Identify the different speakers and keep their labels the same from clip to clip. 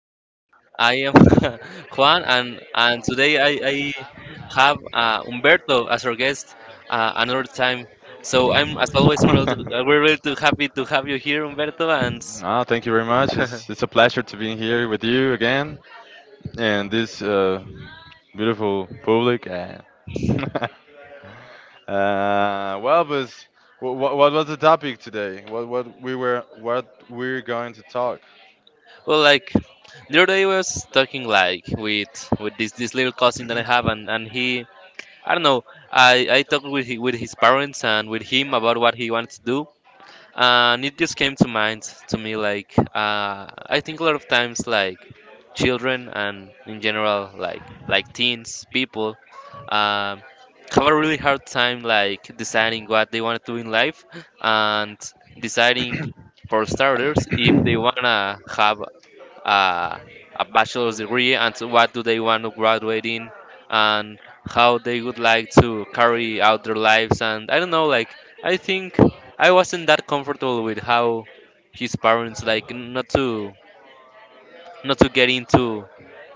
Speaker 1: I am Juan, and today I have Humberto as our guest another time. So I'm as always I'm we're really too happy to have you here, Humberto. And
Speaker 2: Ah, thank you very much. It's a pleasure to be here with you again and this beautiful public. Well, but what was the topic today? What we're going to talk?
Speaker 1: well, like the other day I was talking like with this little cousin that I have, and he I don't know I talked with with his parents and with him about what he wants to do, and it just came to mind to me like I think a lot of times like children and in general like teens people um, have a really hard time like deciding what they want to do in life and deciding for starters if they want to have uh, a bachelor's degree and to what do they want to graduate in and how they would like to carry out their lives and I don't know like I think I wasn't that comfortable with how his parents like not to get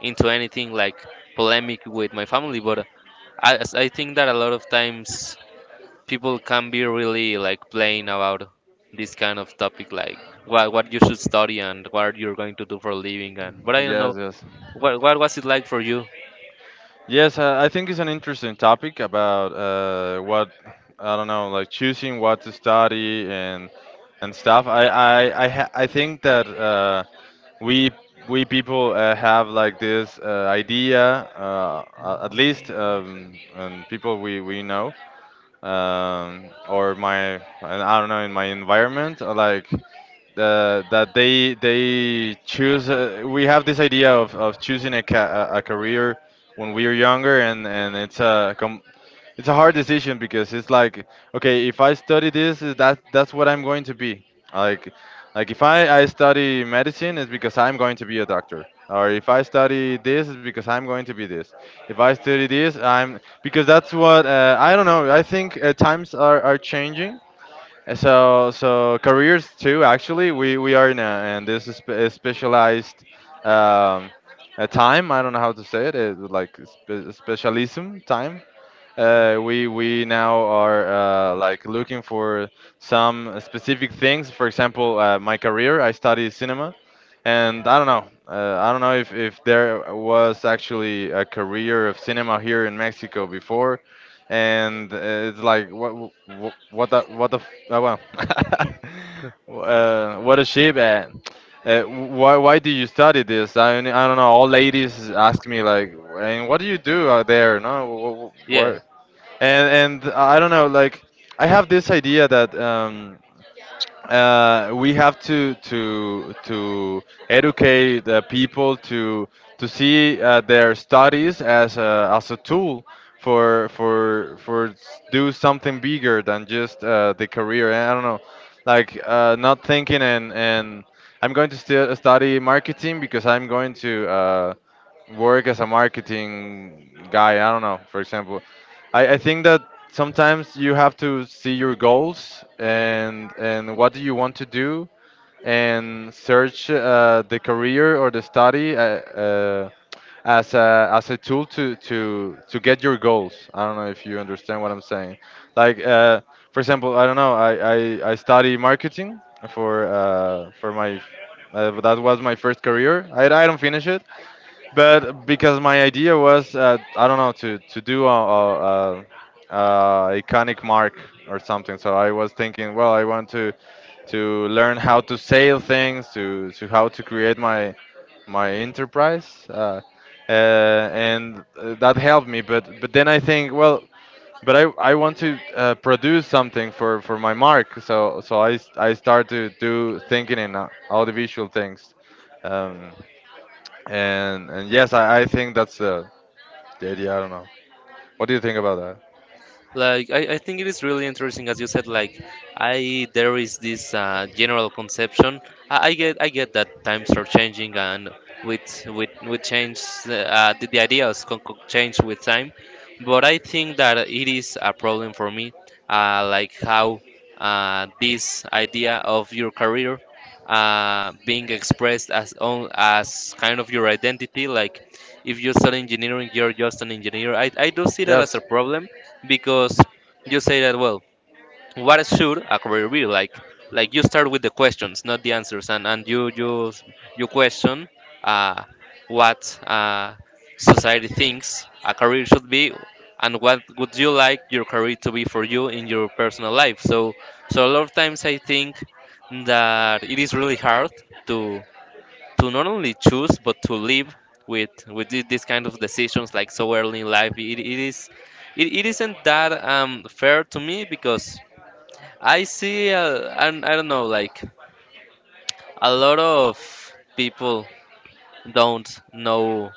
Speaker 1: into anything like polemic with my family but I think that a lot of times people can be really like playing about this kind of topic like what you should study and what you're going to do for a living and but I don't
Speaker 2: Yes,
Speaker 1: know
Speaker 2: yes.
Speaker 1: What was it like for you?
Speaker 2: Yes, I think it's an interesting topic about what I don't know, like choosing what to study and stuff. I think that we we people have like this idea, at least, and people we know, or my and I don't know in my environment, like that they choose. We have this idea of choosing a, ca- a career when we are younger, and it's a hard decision because it's like okay, if I study this, is that that's what I'm going to be. Like like if I study medicine, it's because I'm going to be a doctor. Or if I study this, it's because I'm going to be this. If I study this, I'm because that's what, I don't know. I think times are changing. So careers too. Actually, we are in a and this is a specialized, um, a time. I don't know how to say it. It like specialism time. We now are like looking for some specific things. For example, my career. I study cinema, and I don't know. I don't know if there was actually a career of cinema here in Mexico before, and it's like oh, well, what a ship. Why do you study this? I mean, I don't know. All ladies ask me like, and what do you do out there? No,
Speaker 1: Yeah.
Speaker 2: what, and I don't know, like I have this idea that we have to educate the people to see their studies as a tool do something bigger than just the career. And I don't know, like not thinking and I'm going to study marketing because I'm going to. Work as a marketing guy. I don't know. For example, I think that sometimes you have to see your goals and what do you want to do and search the career or the study as a tool to get your goals. I don't know if you understand what I'm saying. Like, for example, I don't know. I study marketing for my. That was my first career. I don't finish it, but because my idea was, I don't know, to do a iconic mark or something. So I was thinking, well, I want to learn how to sell things, to how to create my enterprise, and that helped me. But then I think, well, but I want to produce something for my mark. So I start to do thinking in all the visual things. Um, and yes, I think that's, the idea. I don't know. What do you think about that?
Speaker 1: Like I think it is really interesting as you said like I there is this general conception. I get that times are changing and with with change the ideas can change with time, but I think that it is a problem for me like how this idea of your career being expressed as own as kind of your identity, like if you study engineering you're just an engineer. I do see
Speaker 2: That as.
Speaker 1: that as a
Speaker 2: Yes. A.
Speaker 1: problem because you say that, well, what should a career be like? Like you start with the questions, not the answers, and and you you question uh, what society thinks a career should be and what would you like your career to be for you in your personal life. So a lot of times I think that it is really hard to not only choose but to live with these kind of decisions like so early in life. It is it isn't that fair to me because I see I don't know like a lot of people don't know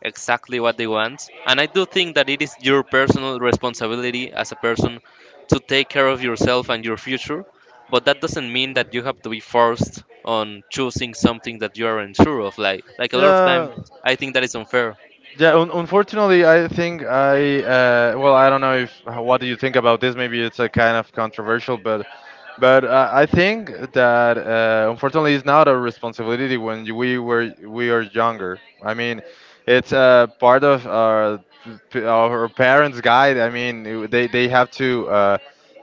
Speaker 1: exactly what they want. And I do think that it is your personal responsibility as a person to take care of yourself and your future. But that doesn't mean that you have to be forced on choosing something that you aren't sure of. Like a lot of times, I think that is unfair.
Speaker 2: Yeah, unfortunately, I think I well, I don't know if, what do you think about this. Maybe it's a kind of controversial, but I think that unfortunately, it's not a responsibility when we are younger. I mean, it's part of our our parents' guide. I mean, they have to,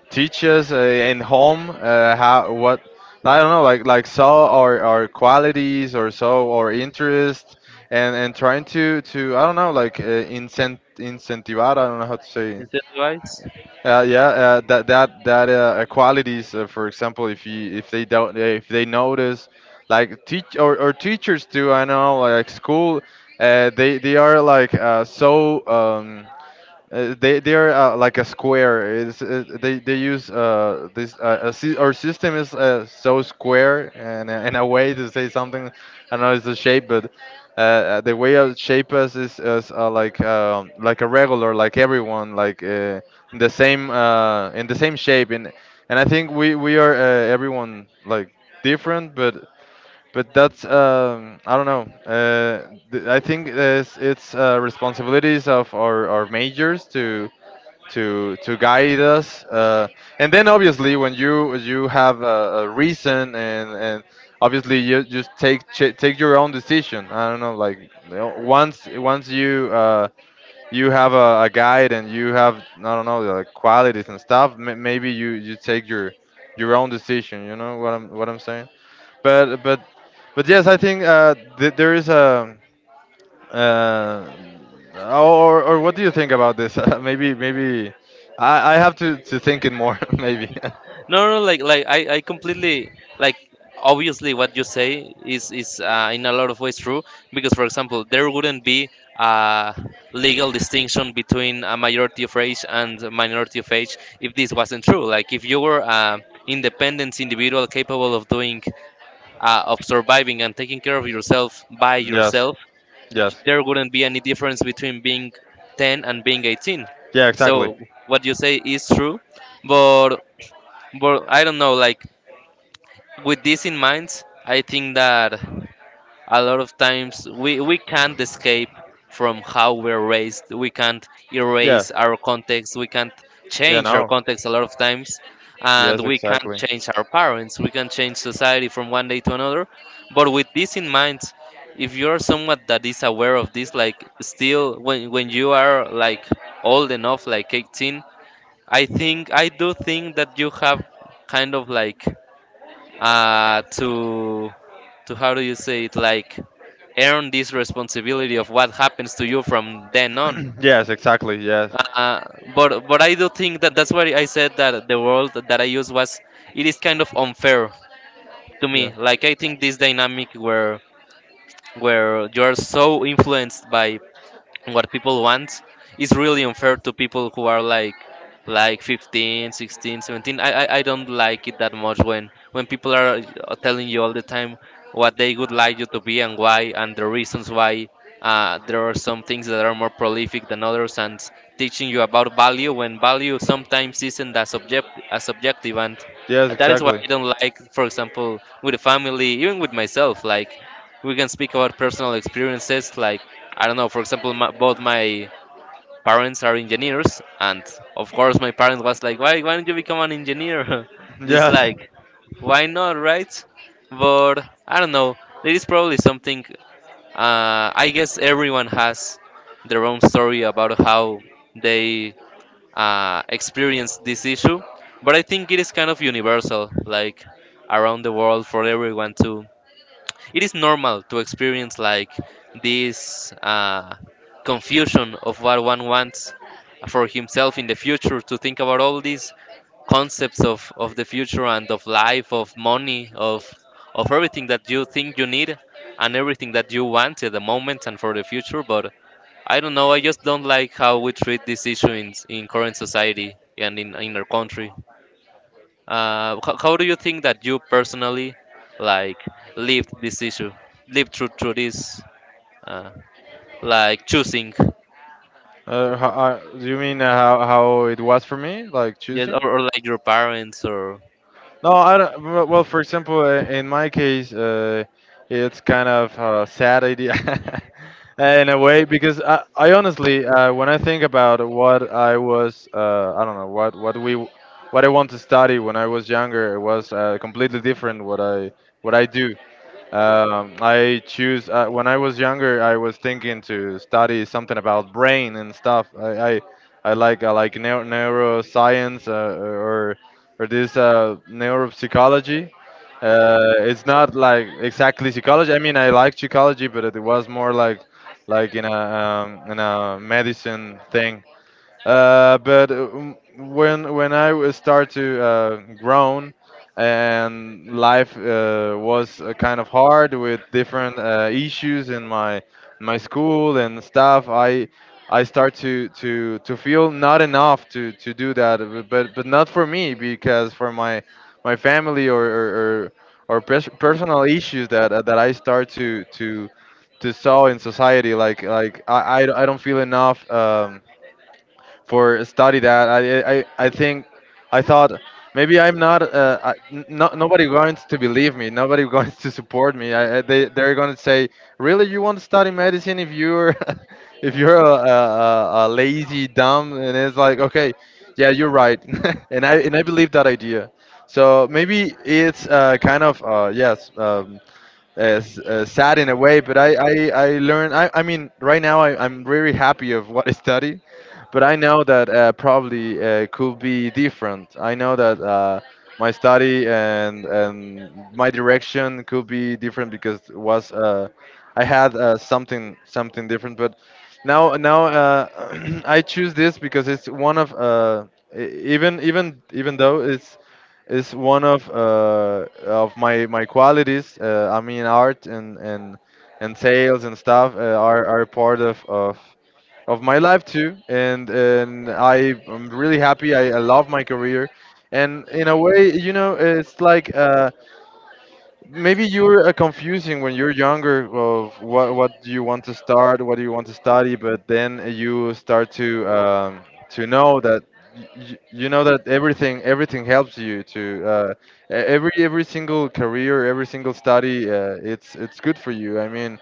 Speaker 2: teach us in home, how what, I don't know, like saw our qualities or so our interests, and trying to I don't know, like, incentivar, I don't know how to say it.
Speaker 1: Incentivize?
Speaker 2: Yeah, that equalities, for example, if they don't, if they notice, like teach, or teachers, do I know, like school, they are like, so. They are like a square. They use this, our system is, so square, and in a way to say something. I know it's a shape, but the way of shape us is like, like a regular, like everyone, like, in the same shape. And I think we are, everyone, like different, but that's, I don't know. I think it's responsibilities of our majors to guide us. And then obviously when you have a reason, and obviously you just take your own decision. I don't know, like, once you, you have a guide and you have, I don't know, like qualities and stuff. Maybe you take your own decision. You know what I'm saying. But but but yes, I think, there is a, uh, or what do you think about this? Maybe I have to think it more. maybe.
Speaker 1: No, I completely like. Obviously, what you say is in a lot of ways true because, for example, there wouldn't be a legal distinction between a majority of age and a minority of age if this wasn't true. Like, if you were an independent individual capable of doing, of surviving and taking care of yourself by
Speaker 2: Yes.
Speaker 1: yourself,
Speaker 2: Yes.
Speaker 1: there wouldn't be any difference between being 10 and being 18.
Speaker 2: Yeah, exactly.
Speaker 1: So, what you say is true, but I don't know, like with this in mind, I think that a lot of times we can't escape from how we're raised. We can't
Speaker 2: Yeah.
Speaker 1: erase our context. We can't
Speaker 2: Yeah,
Speaker 1: change our
Speaker 2: no.
Speaker 1: context a lot of times. And
Speaker 2: Yes,
Speaker 1: we can't
Speaker 2: exactly.
Speaker 1: change our parents. We can change society from one day to another. But with this in mind, if you're someone that is aware of this, like still when you are like old enough, like 18, I do think that you have kind of like to how do you say it, like earn this responsibility of what happens to you from then on
Speaker 2: Yes, exactly. Yes.
Speaker 1: uh, but I do think that that's why I said that the world that I use was it is kind of unfair to me. Like I think this dynamic where you're so influenced by what people want is really unfair to people who are like 15, 16, 17. I don't like it that much when people are telling you all the time what they would like you to be, and why, and the reasons why there are some things that are more prolific than others, and teaching you about value when value sometimes isn't as object as subjective. And
Speaker 2: Yes,
Speaker 1: that is what
Speaker 2: exactly.
Speaker 1: I don't like, for example, with a family, even with myself. Like we can speak about personal experiences. Like I don't know, for example, both my parents are engineers, and of course, my parents was like, why don't you become an engineer?" This
Speaker 2: Yes.
Speaker 1: like, why not, right? But I don't know. There is probably something. I guess everyone has their own story about how they experience this issue, but I think it is kind of universal, like around the world. For everyone to It is normal to experience like this confusion of what one wants for himself in the future, to think about all these concepts of the future, and of life, of money, of everything that you think you need and everything that you want at the moment and for the future. But I don't know, I just don't like how we treat this issue in current society and in our country. How do you think that you personally like lived this issue, lived through this, uh, like choosing,
Speaker 2: How, do you mean, how it was for me, like
Speaker 1: yes,
Speaker 2: choosing?
Speaker 1: or like your parents or
Speaker 2: No, I don't. Well, for example, in my case, it's kind of a sad idea in a way because I honestly, when I think about what I was, I don't know what I want to study when I was younger, it was, completely different what I do. I choose, when I was younger. I was thinking to study something about brain and stuff. I, I like neuroscience, or this, neuropsychology. It's not like exactly psychology. I mean, I like psychology, but it was more like in a, in a medicine thing. But when start to, grown, and life, was, kind of hard with different, issues in my school and stuff, I start to feel not enough to do that, but not for me because for my family, or personal issues that, that I start to saw in society, like I don't feel enough. For study that. I thought maybe I'm not. No, nobody going to believe me. Nobody going to support me. They're going to say, really, you want to study medicine if you're if you're a lazy dumb. And it's like, okay, yeah, you're right. And I believe that idea. So maybe it's, kind of, sad in a way, but I learned. I mean, right now I'm really happy of what I study, but I know that, probably, could be different. I know that, my study and my direction could be different because it was, I had, something different. But now I choose this because it's one of, even though it's one of, my qualities. I mean, art and sales and stuff, are part of my life too. And I am really happy. I love my career, and in a way, it's like. Maybe you're, confusing when you're younger of what do you want to start, what do you want to study, but then you start to, to know that you know that everything helps you to, every single career, every single study, it's good for you. I mean,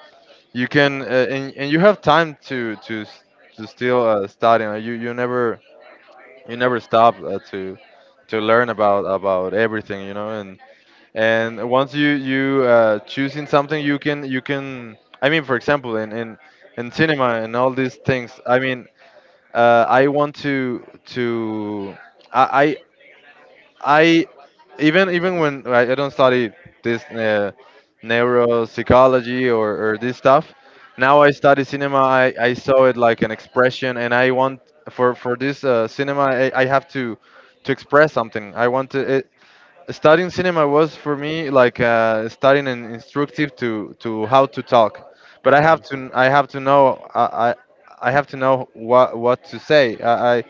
Speaker 2: you can, and you have time to still, study. You never you never stop, to learn about everything. And once you choosing something, you can I mean, for example, in cinema and all these things. I mean, I want to. i I, even when I don't study this neuropsychology or this stuff. Now I study cinema. I saw it like an expression, and I want for this cinema. I have to express something. I want to Studying Cinema was for me like, studying and instructive to how to talk, but I have
Speaker 1: mm,
Speaker 2: to. I have to know. I have to know what to say.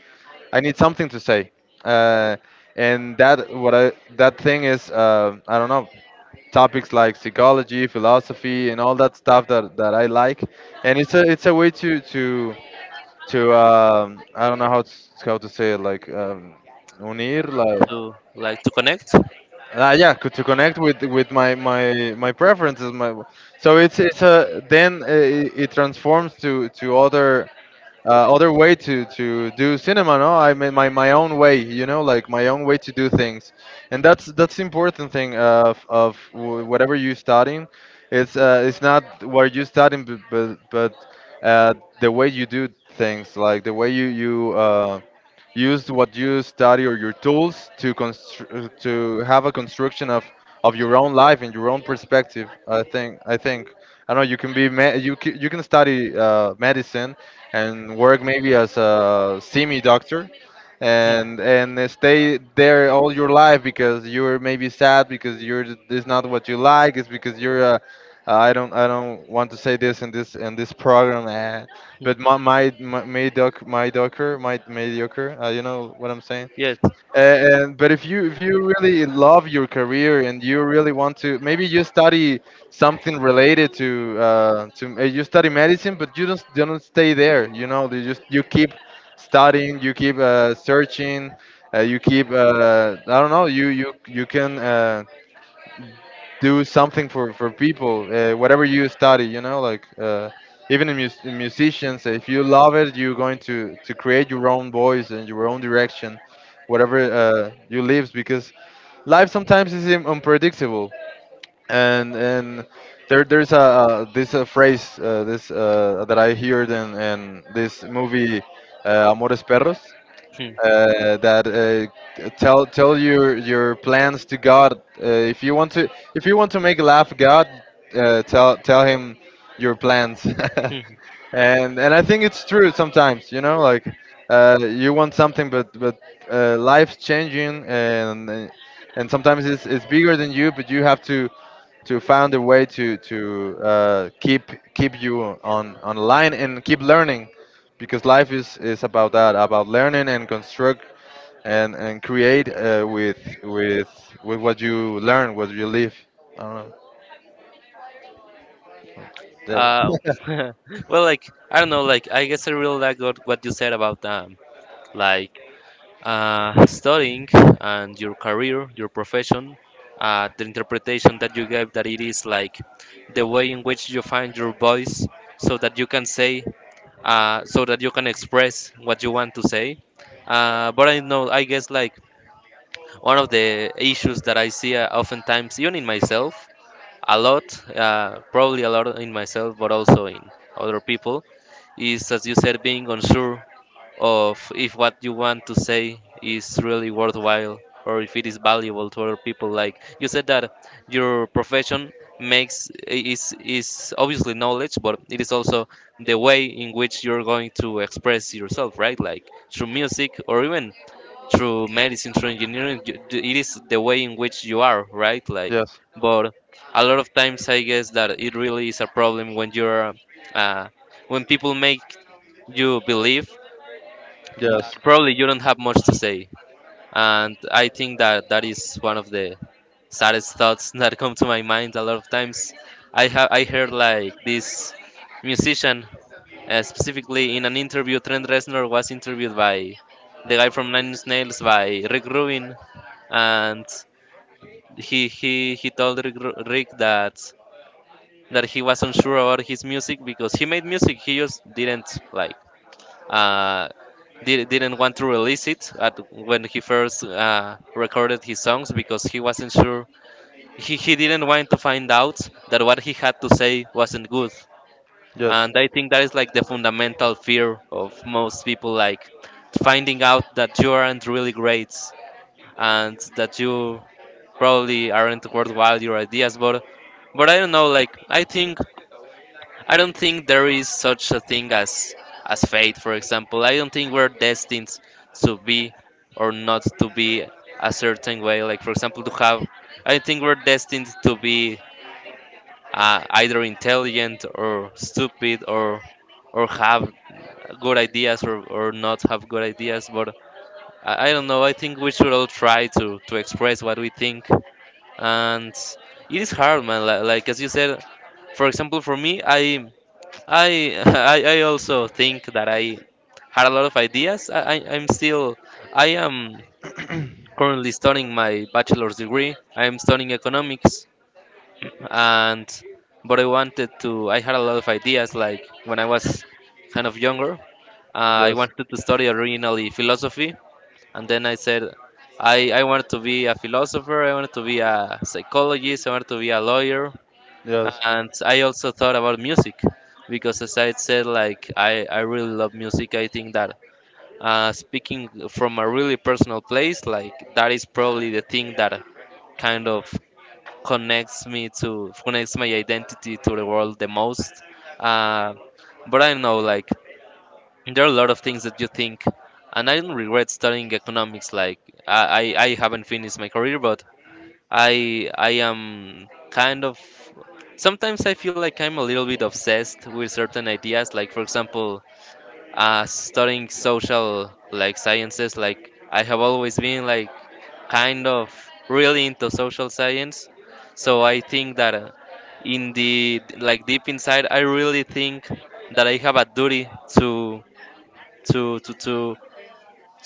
Speaker 2: I need something to say. uh, and that thing is, I don't know, topics like psychology, philosophy, and all that stuff that I like. And it's a way to I don't know how to say it, like, unir, like,
Speaker 1: to like to connect?
Speaker 2: yeah, to connect with my preferences. My So it's a, then, it transforms to other, other way to do cinema. No, I mean, my own way, you know, like my own way to do things. And that's the important thing of whatever you're studying. It's not what you're studying, but uh, the way you do things, like the way you use what you study or your tools to to have a construction of your own life and your own perspective. I think. I know you can you can study, medicine, and work maybe as a semi doctor
Speaker 1: Hmm.
Speaker 2: and stay there all your life because you're maybe sad, because you're it's not what you like. It's because you're a. I don't want to say this in this program, but
Speaker 1: Hmm,
Speaker 2: my doc my docker my mediocre, you know what I'm saying.
Speaker 1: yes.
Speaker 2: And but if you really love your career, and you really want to. Maybe you study something related to you study medicine, but you don't stay there, you know, you just you keep studying, you keep, searching, you keep, I don't know, you can, do something for people, whatever you study, you know, like, even in, in musicians, if you love it, you're going to create your own voice and your own direction, whatever you live, because life sometimes is unpredictable. And there there's a this phrase, this that I heard in this movie, Amores Perros,
Speaker 1: Hmm.
Speaker 2: that tell your plans to God. Uh, if you want to make laugh God, tell him your plans.
Speaker 1: Hmm.
Speaker 2: And I think it's true sometimes. You know, like, you want something, but life's changing, and sometimes it's bigger than you, but you have to find a way to keep you on online and keep learning, because life is about that, about learning and construct, and create, with with what you learn, what you live. I don't know.
Speaker 1: Uh,
Speaker 2: That-
Speaker 1: well, like I don't know, like I guess I really like what you said about like studying and your career, your profession, the interpretation that you gave, that it is like the way in which you find your voice so that you can say, so that you can express what you want to say. But I know, I guess, like one of the issues that I see oftentimes, even in myself, a lot, probably a lot in myself, but also in other people, is as you said, being unsure of if what you want to say is really worthwhile or if it is valuable to other people. Like you said that your profession makes is obviously knowledge, but it is also the way in which you're going to express yourself, right? Like through music, or even through medicine, through engineering, it is the way in which you are, right? Like,
Speaker 2: yes.
Speaker 1: but a lot of times I guess that it really is a problem when you're uh, when people make you believe probably you don't have much to say. And I think that that is one of the saddest thoughts that come to my mind a lot of times. I heard like this musician specifically in an interview. Trent Reznor was interviewed by the guy from Nine Inch Nails, by Rick Rubin, and he he told Rick, Rick, that he was unsure about his music, because he made music. He just didn't like uh, didn't want to release it at when he first recorded his songs because he wasn't sure. He didn't want to find out that what he had to say wasn't good. And I think that is like the fundamental fear of most people, like finding out that you aren't really great and that you probably aren't worthwhile your ideas. But I don't know, like I think I don't think there is such a thing as fate, for example. I don't think we're destined to be or not to be a certain way. Like for example, to have. I think we're destined to be either intelligent or stupid, or have good ideas, or not have good ideas. But I don't know. I think we should all try to express what we think and. It is hard, man. Like as you said, for example, for me, I also think that I had a lot of ideas. I'm still I am currently studying my bachelor's degree. I'm studying economics, and but I wanted to. I had a lot of ideas. Like when I was kind of younger, I wanted to study originally philosophy, and then I said I wanted to be a philosopher. I wanted to be a psychologist. I wanted to be a lawyer,
Speaker 2: Yes.
Speaker 1: and I also thought about music because, as I said, like I really love music. I think that speaking from a really personal place, like that is probably the thing that kind of connects me to connects my identity to the world the most. Uh, but I know, like there are a lot of things that you think, and I don't regret studying economics. Like I haven't finished my career, but I am kind of sometimes I feel like I'm a little bit obsessed with certain ideas. Like for example, studying social like sciences. Like I have always been like kind of really into social science. So I think that in the like deep inside, I really think that I have a duty to to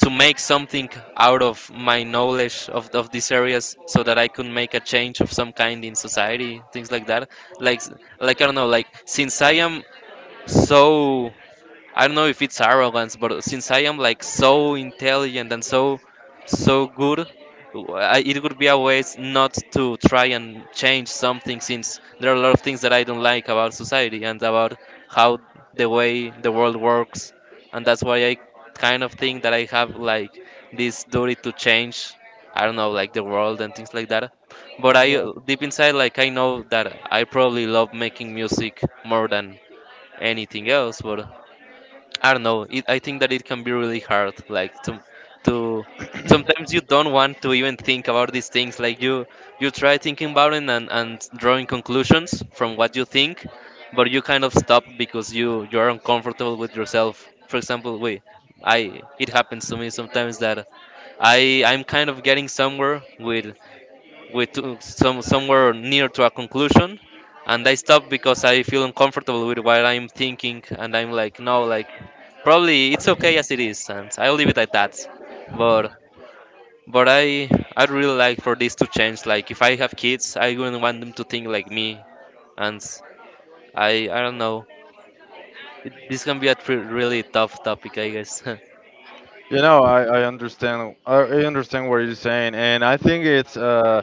Speaker 1: to make something out of my knowledge of these areas so that I could make a change of some kind in society, things like that. Like s- like I don't know, like since I am so I don't know if it's arrogance, but since I am like so intelligent and so so good, I, it would be a waste not to try and change something since there are a lot of things that I don't like about society and about how the way the world works, and that's why I kind of think that I have like this duty to change. I don't know, like the world and things like that. But I, deep inside, like I know that I probably love making music more than anything else, but I don't know. It, I think that it can be really hard. Like to sometimes you don't want to even think about these things. Like you try thinking about it and drawing conclusions from what you think, but you kind of stop because you are uncomfortable with yourself. For example, we, I it happens to me sometimes that I'm kind of getting somewhere with we took some somewhere near to a conclusion and I stopped because I feel uncomfortable with what I'm thinking and I'm like no, like probably it's okay as it is and I'll leave it at that, but but I'd really like for this to change. Like if I have kids I wouldn't want them to think like me, and I don't know, it, this can be a really tough topic, I guess.
Speaker 2: You know, I understand. I understand what you're saying, and I think it's uh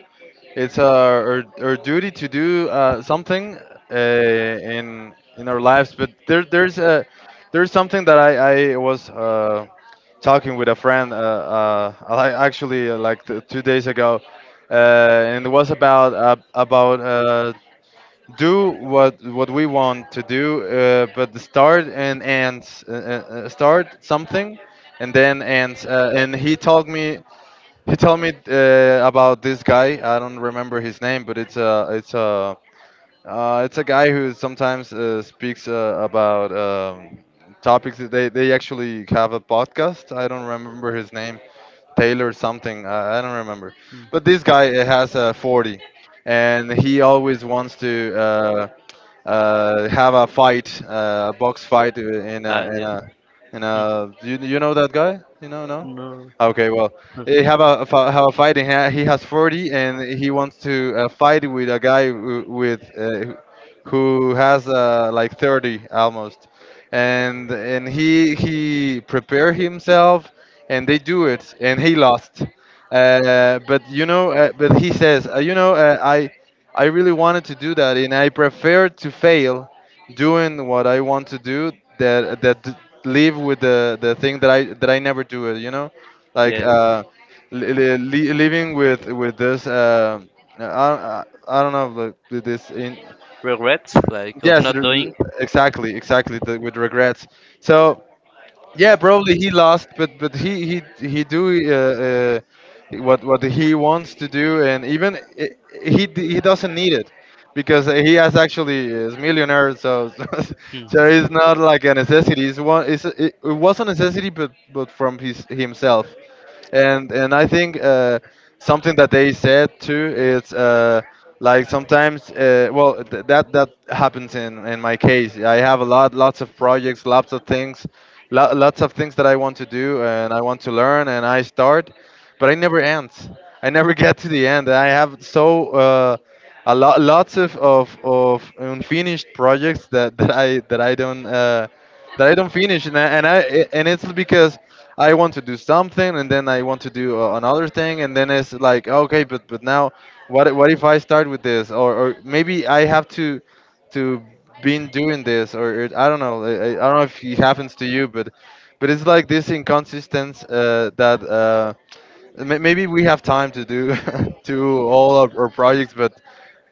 Speaker 2: it's our duty to do, something, in our lives. But there's something that I was, talking with a friend, I actually, like 2 days ago, and it was about, do what we want to do, but start and ends. Start something, and then ends. And he told me, about this guy. I don't remember his name, but it's a guy who sometimes, speaks, about, topics. That They actually have a podcast. I don't remember his name, Taylor something. I don't remember.
Speaker 1: Mm.
Speaker 2: But this guy, has a 40, and he always wants to. Have a fight, a box fight, in
Speaker 1: Ah,
Speaker 2: a in
Speaker 1: yeah.
Speaker 2: a in
Speaker 1: Mm.
Speaker 2: a you know that guy? You know? No?
Speaker 1: No.
Speaker 2: Okay, well, they have a fight, and he he has 40, and he wants to, fight with a guy w- with who has, like 30 almost, and he prepare himself, and they do it, and he lost. But you know, but he says, you know, I really wanted to do that, and I prefer to fail doing what I want to do, that that d- live with the thing that I never do it. You know, like,
Speaker 1: Yeah,
Speaker 2: living with this. I don't know, like, with this in.
Speaker 1: regret like of
Speaker 2: Yes,
Speaker 1: not doing.
Speaker 2: exactly, exactly, with regrets. So yeah, probably he lost, but he do, what he wants to do, and even I- he d- he doesn't need it, because he has actually is millionaire, so, so,
Speaker 1: Hmm.
Speaker 2: so it's not like a necessity. It's one it's, it was a necessity, but from his himself, and I think, something that they said too is, like sometimes, well, that happens in my case. I have a lot lots of projects, lots of things, lots of things that I want to do and I want to learn, and I start, but I never end. I never get to the end. I have so. Lots of unfinished projects that I don't, that I don't finish, and I, and it's because I want to do something, and then I want to do, another thing, and then it's like okay, but now, what if I start with this, or maybe I have to been doing this, or it, I don't know. I don't know if it happens to you, but it's like this inconsistence, that. Maybe we have time to do to all of our projects, but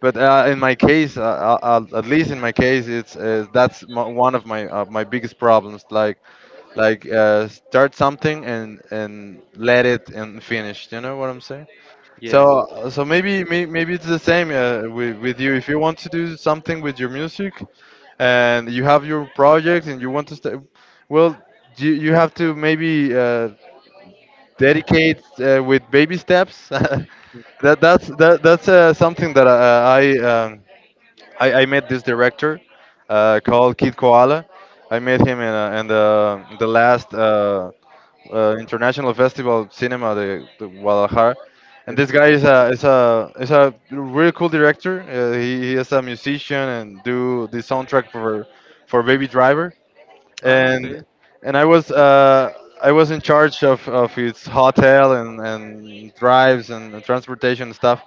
Speaker 2: but uh, in my case, at least in my case, it's, one of my, my biggest problems. Like, start something and let it and finish. You know what I'm saying?
Speaker 1: Yeah.
Speaker 2: So maybe, maybe it's the same, with you. If you want to do something with your music, and you have your project, and you want to start, well, you have to maybe. Dedicate, with baby steps.
Speaker 1: Hmm.
Speaker 2: That, that's Something that I. Um, I met this director, called Kid Koala. I met him in, in the last, international festival of cinema, the Guadalajara, and this
Speaker 1: Yes.
Speaker 2: guy is a really cool director. He is a musician, and do the soundtrack for Baby Driver,
Speaker 1: Ah,
Speaker 2: and
Speaker 1: okay.
Speaker 2: and I was in charge of his hotel, and drives, and transportation, and stuff.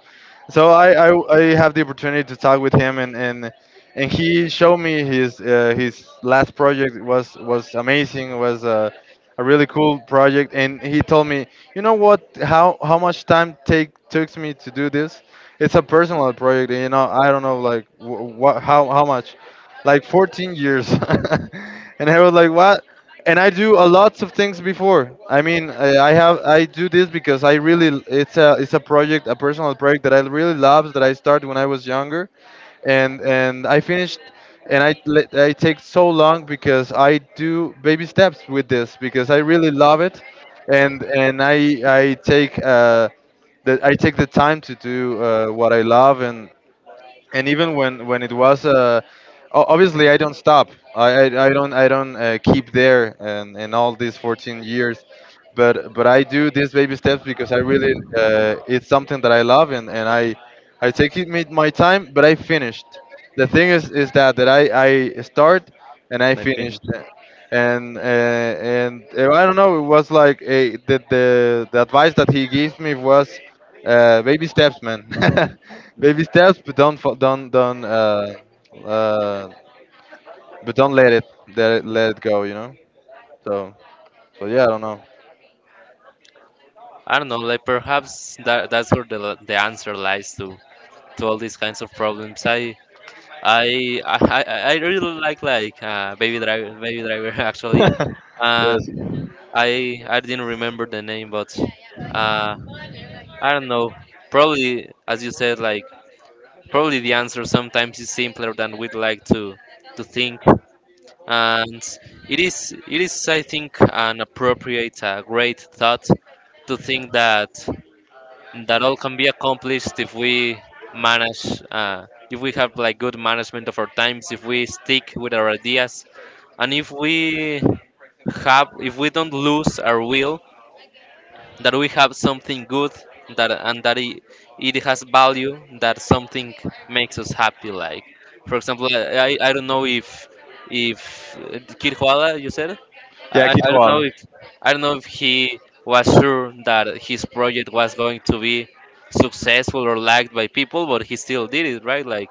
Speaker 2: So I have the opportunity to talk with him, and he showed me his, his last project, was, amazing, was a really cool project, and he told me, you know what, how much time take took me to do this. It's a personal project. You know, I don't know, like wh- what how much, like 14 years. And I was like, what? And I do a lots of things before. I mean, I have, I do this because I really, it's a project, a personal project that I really love, that I started when I was younger, and I finished. And I, I take so long because I do baby steps with this, because I really love it, and and I take that I take the time to do, what I love, and even when it was, obviously I don't stop. I don't keep there, and in all these 14 years, but I do these baby steps because I really, it's something that I love, and I. I take it, made my time, but I finished. The thing is that I start and I
Speaker 1: And I
Speaker 2: finished,
Speaker 1: finished.
Speaker 2: and I don't know. It was like, a the advice that he gave me was, baby steps, man. Baby steps, but don't fo- don't uh, but don't let it, let it go. You know. So, yeah, I don't know.
Speaker 1: I don't know, like perhaps that that's where the answer lies to all these kinds of problems. I really like Baby Driver, Baby Driver. Actually, Uh,
Speaker 2: Yes.
Speaker 1: I didn't remember the name, but uh, I don't know. Probably as you said, like probably the answer sometimes is simpler than we'd like to think, and it is I think an appropriate, great thought to think that, that all can be accomplished if we manage, if we have like good management of our times, if we stick with our ideas and if we have if we don't lose our will, that we have something good, that and that it has value, that something makes us happy. Like for example I I don't know if Kid Koala, you said,
Speaker 2: Yeah, Kid
Speaker 1: I don't know
Speaker 2: Koala.
Speaker 1: if I don't know if he was sure that his project was going to be successful or liked by people, but he still did it, right? Like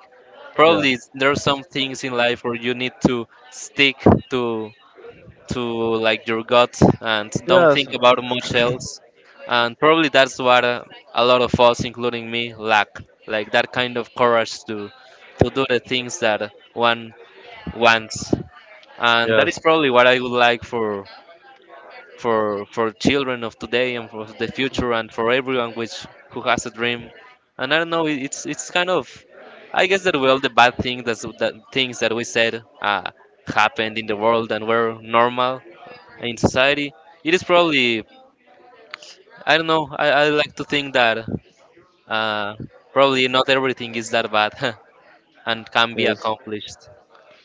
Speaker 2: Yeah.
Speaker 1: probably it's there are some things in life where you need to stick to to like your gut and don't
Speaker 2: Yes.
Speaker 1: think about much else. And probably that's what a lot of us, including me, lack, like that kind of courage to do the things that one wants. And that is
Speaker 2: Yes.
Speaker 1: probably what I would like for children of today and for the future and for everyone which who has a dream. And I don't know, it, it's kind of, I guess that well, the bad thing, that's that things that we said happened in the world and were normal in society. It is probably, I don't know. I like to think that uh, probably not everything is that bad and can be
Speaker 2: Yes.
Speaker 1: accomplished.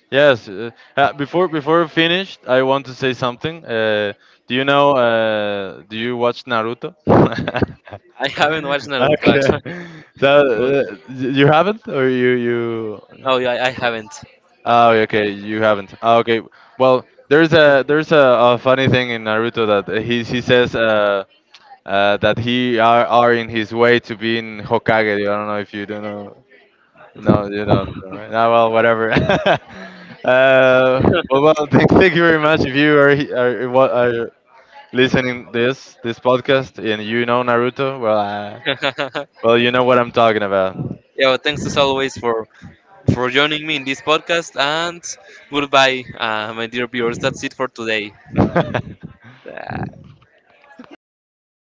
Speaker 2: Yes. Before we finished, I want to say something. Do you know? Do you watch Naruto?
Speaker 1: I haven't watched Naruto,
Speaker 2: Okay.
Speaker 1: actually.
Speaker 2: So,
Speaker 1: But
Speaker 2: you haven't, or you?
Speaker 1: no, yeah, I haven't.
Speaker 2: Oh, okay. Okay, you haven't. Oh, okay. Well, there's a a funny thing in Naruto, that he says, that he are in his way to being Hokage. I don't know if you don't know. No, you don't. All right. No, well, whatever. But well, thank you very much. If you are, he- are what are listening this podcast, and you know Naruto, well, well, you know what I'm talking about.
Speaker 1: Yeah, well, thanks as always for joining me in this podcast. And goodbye, my dear viewers. That's it for today.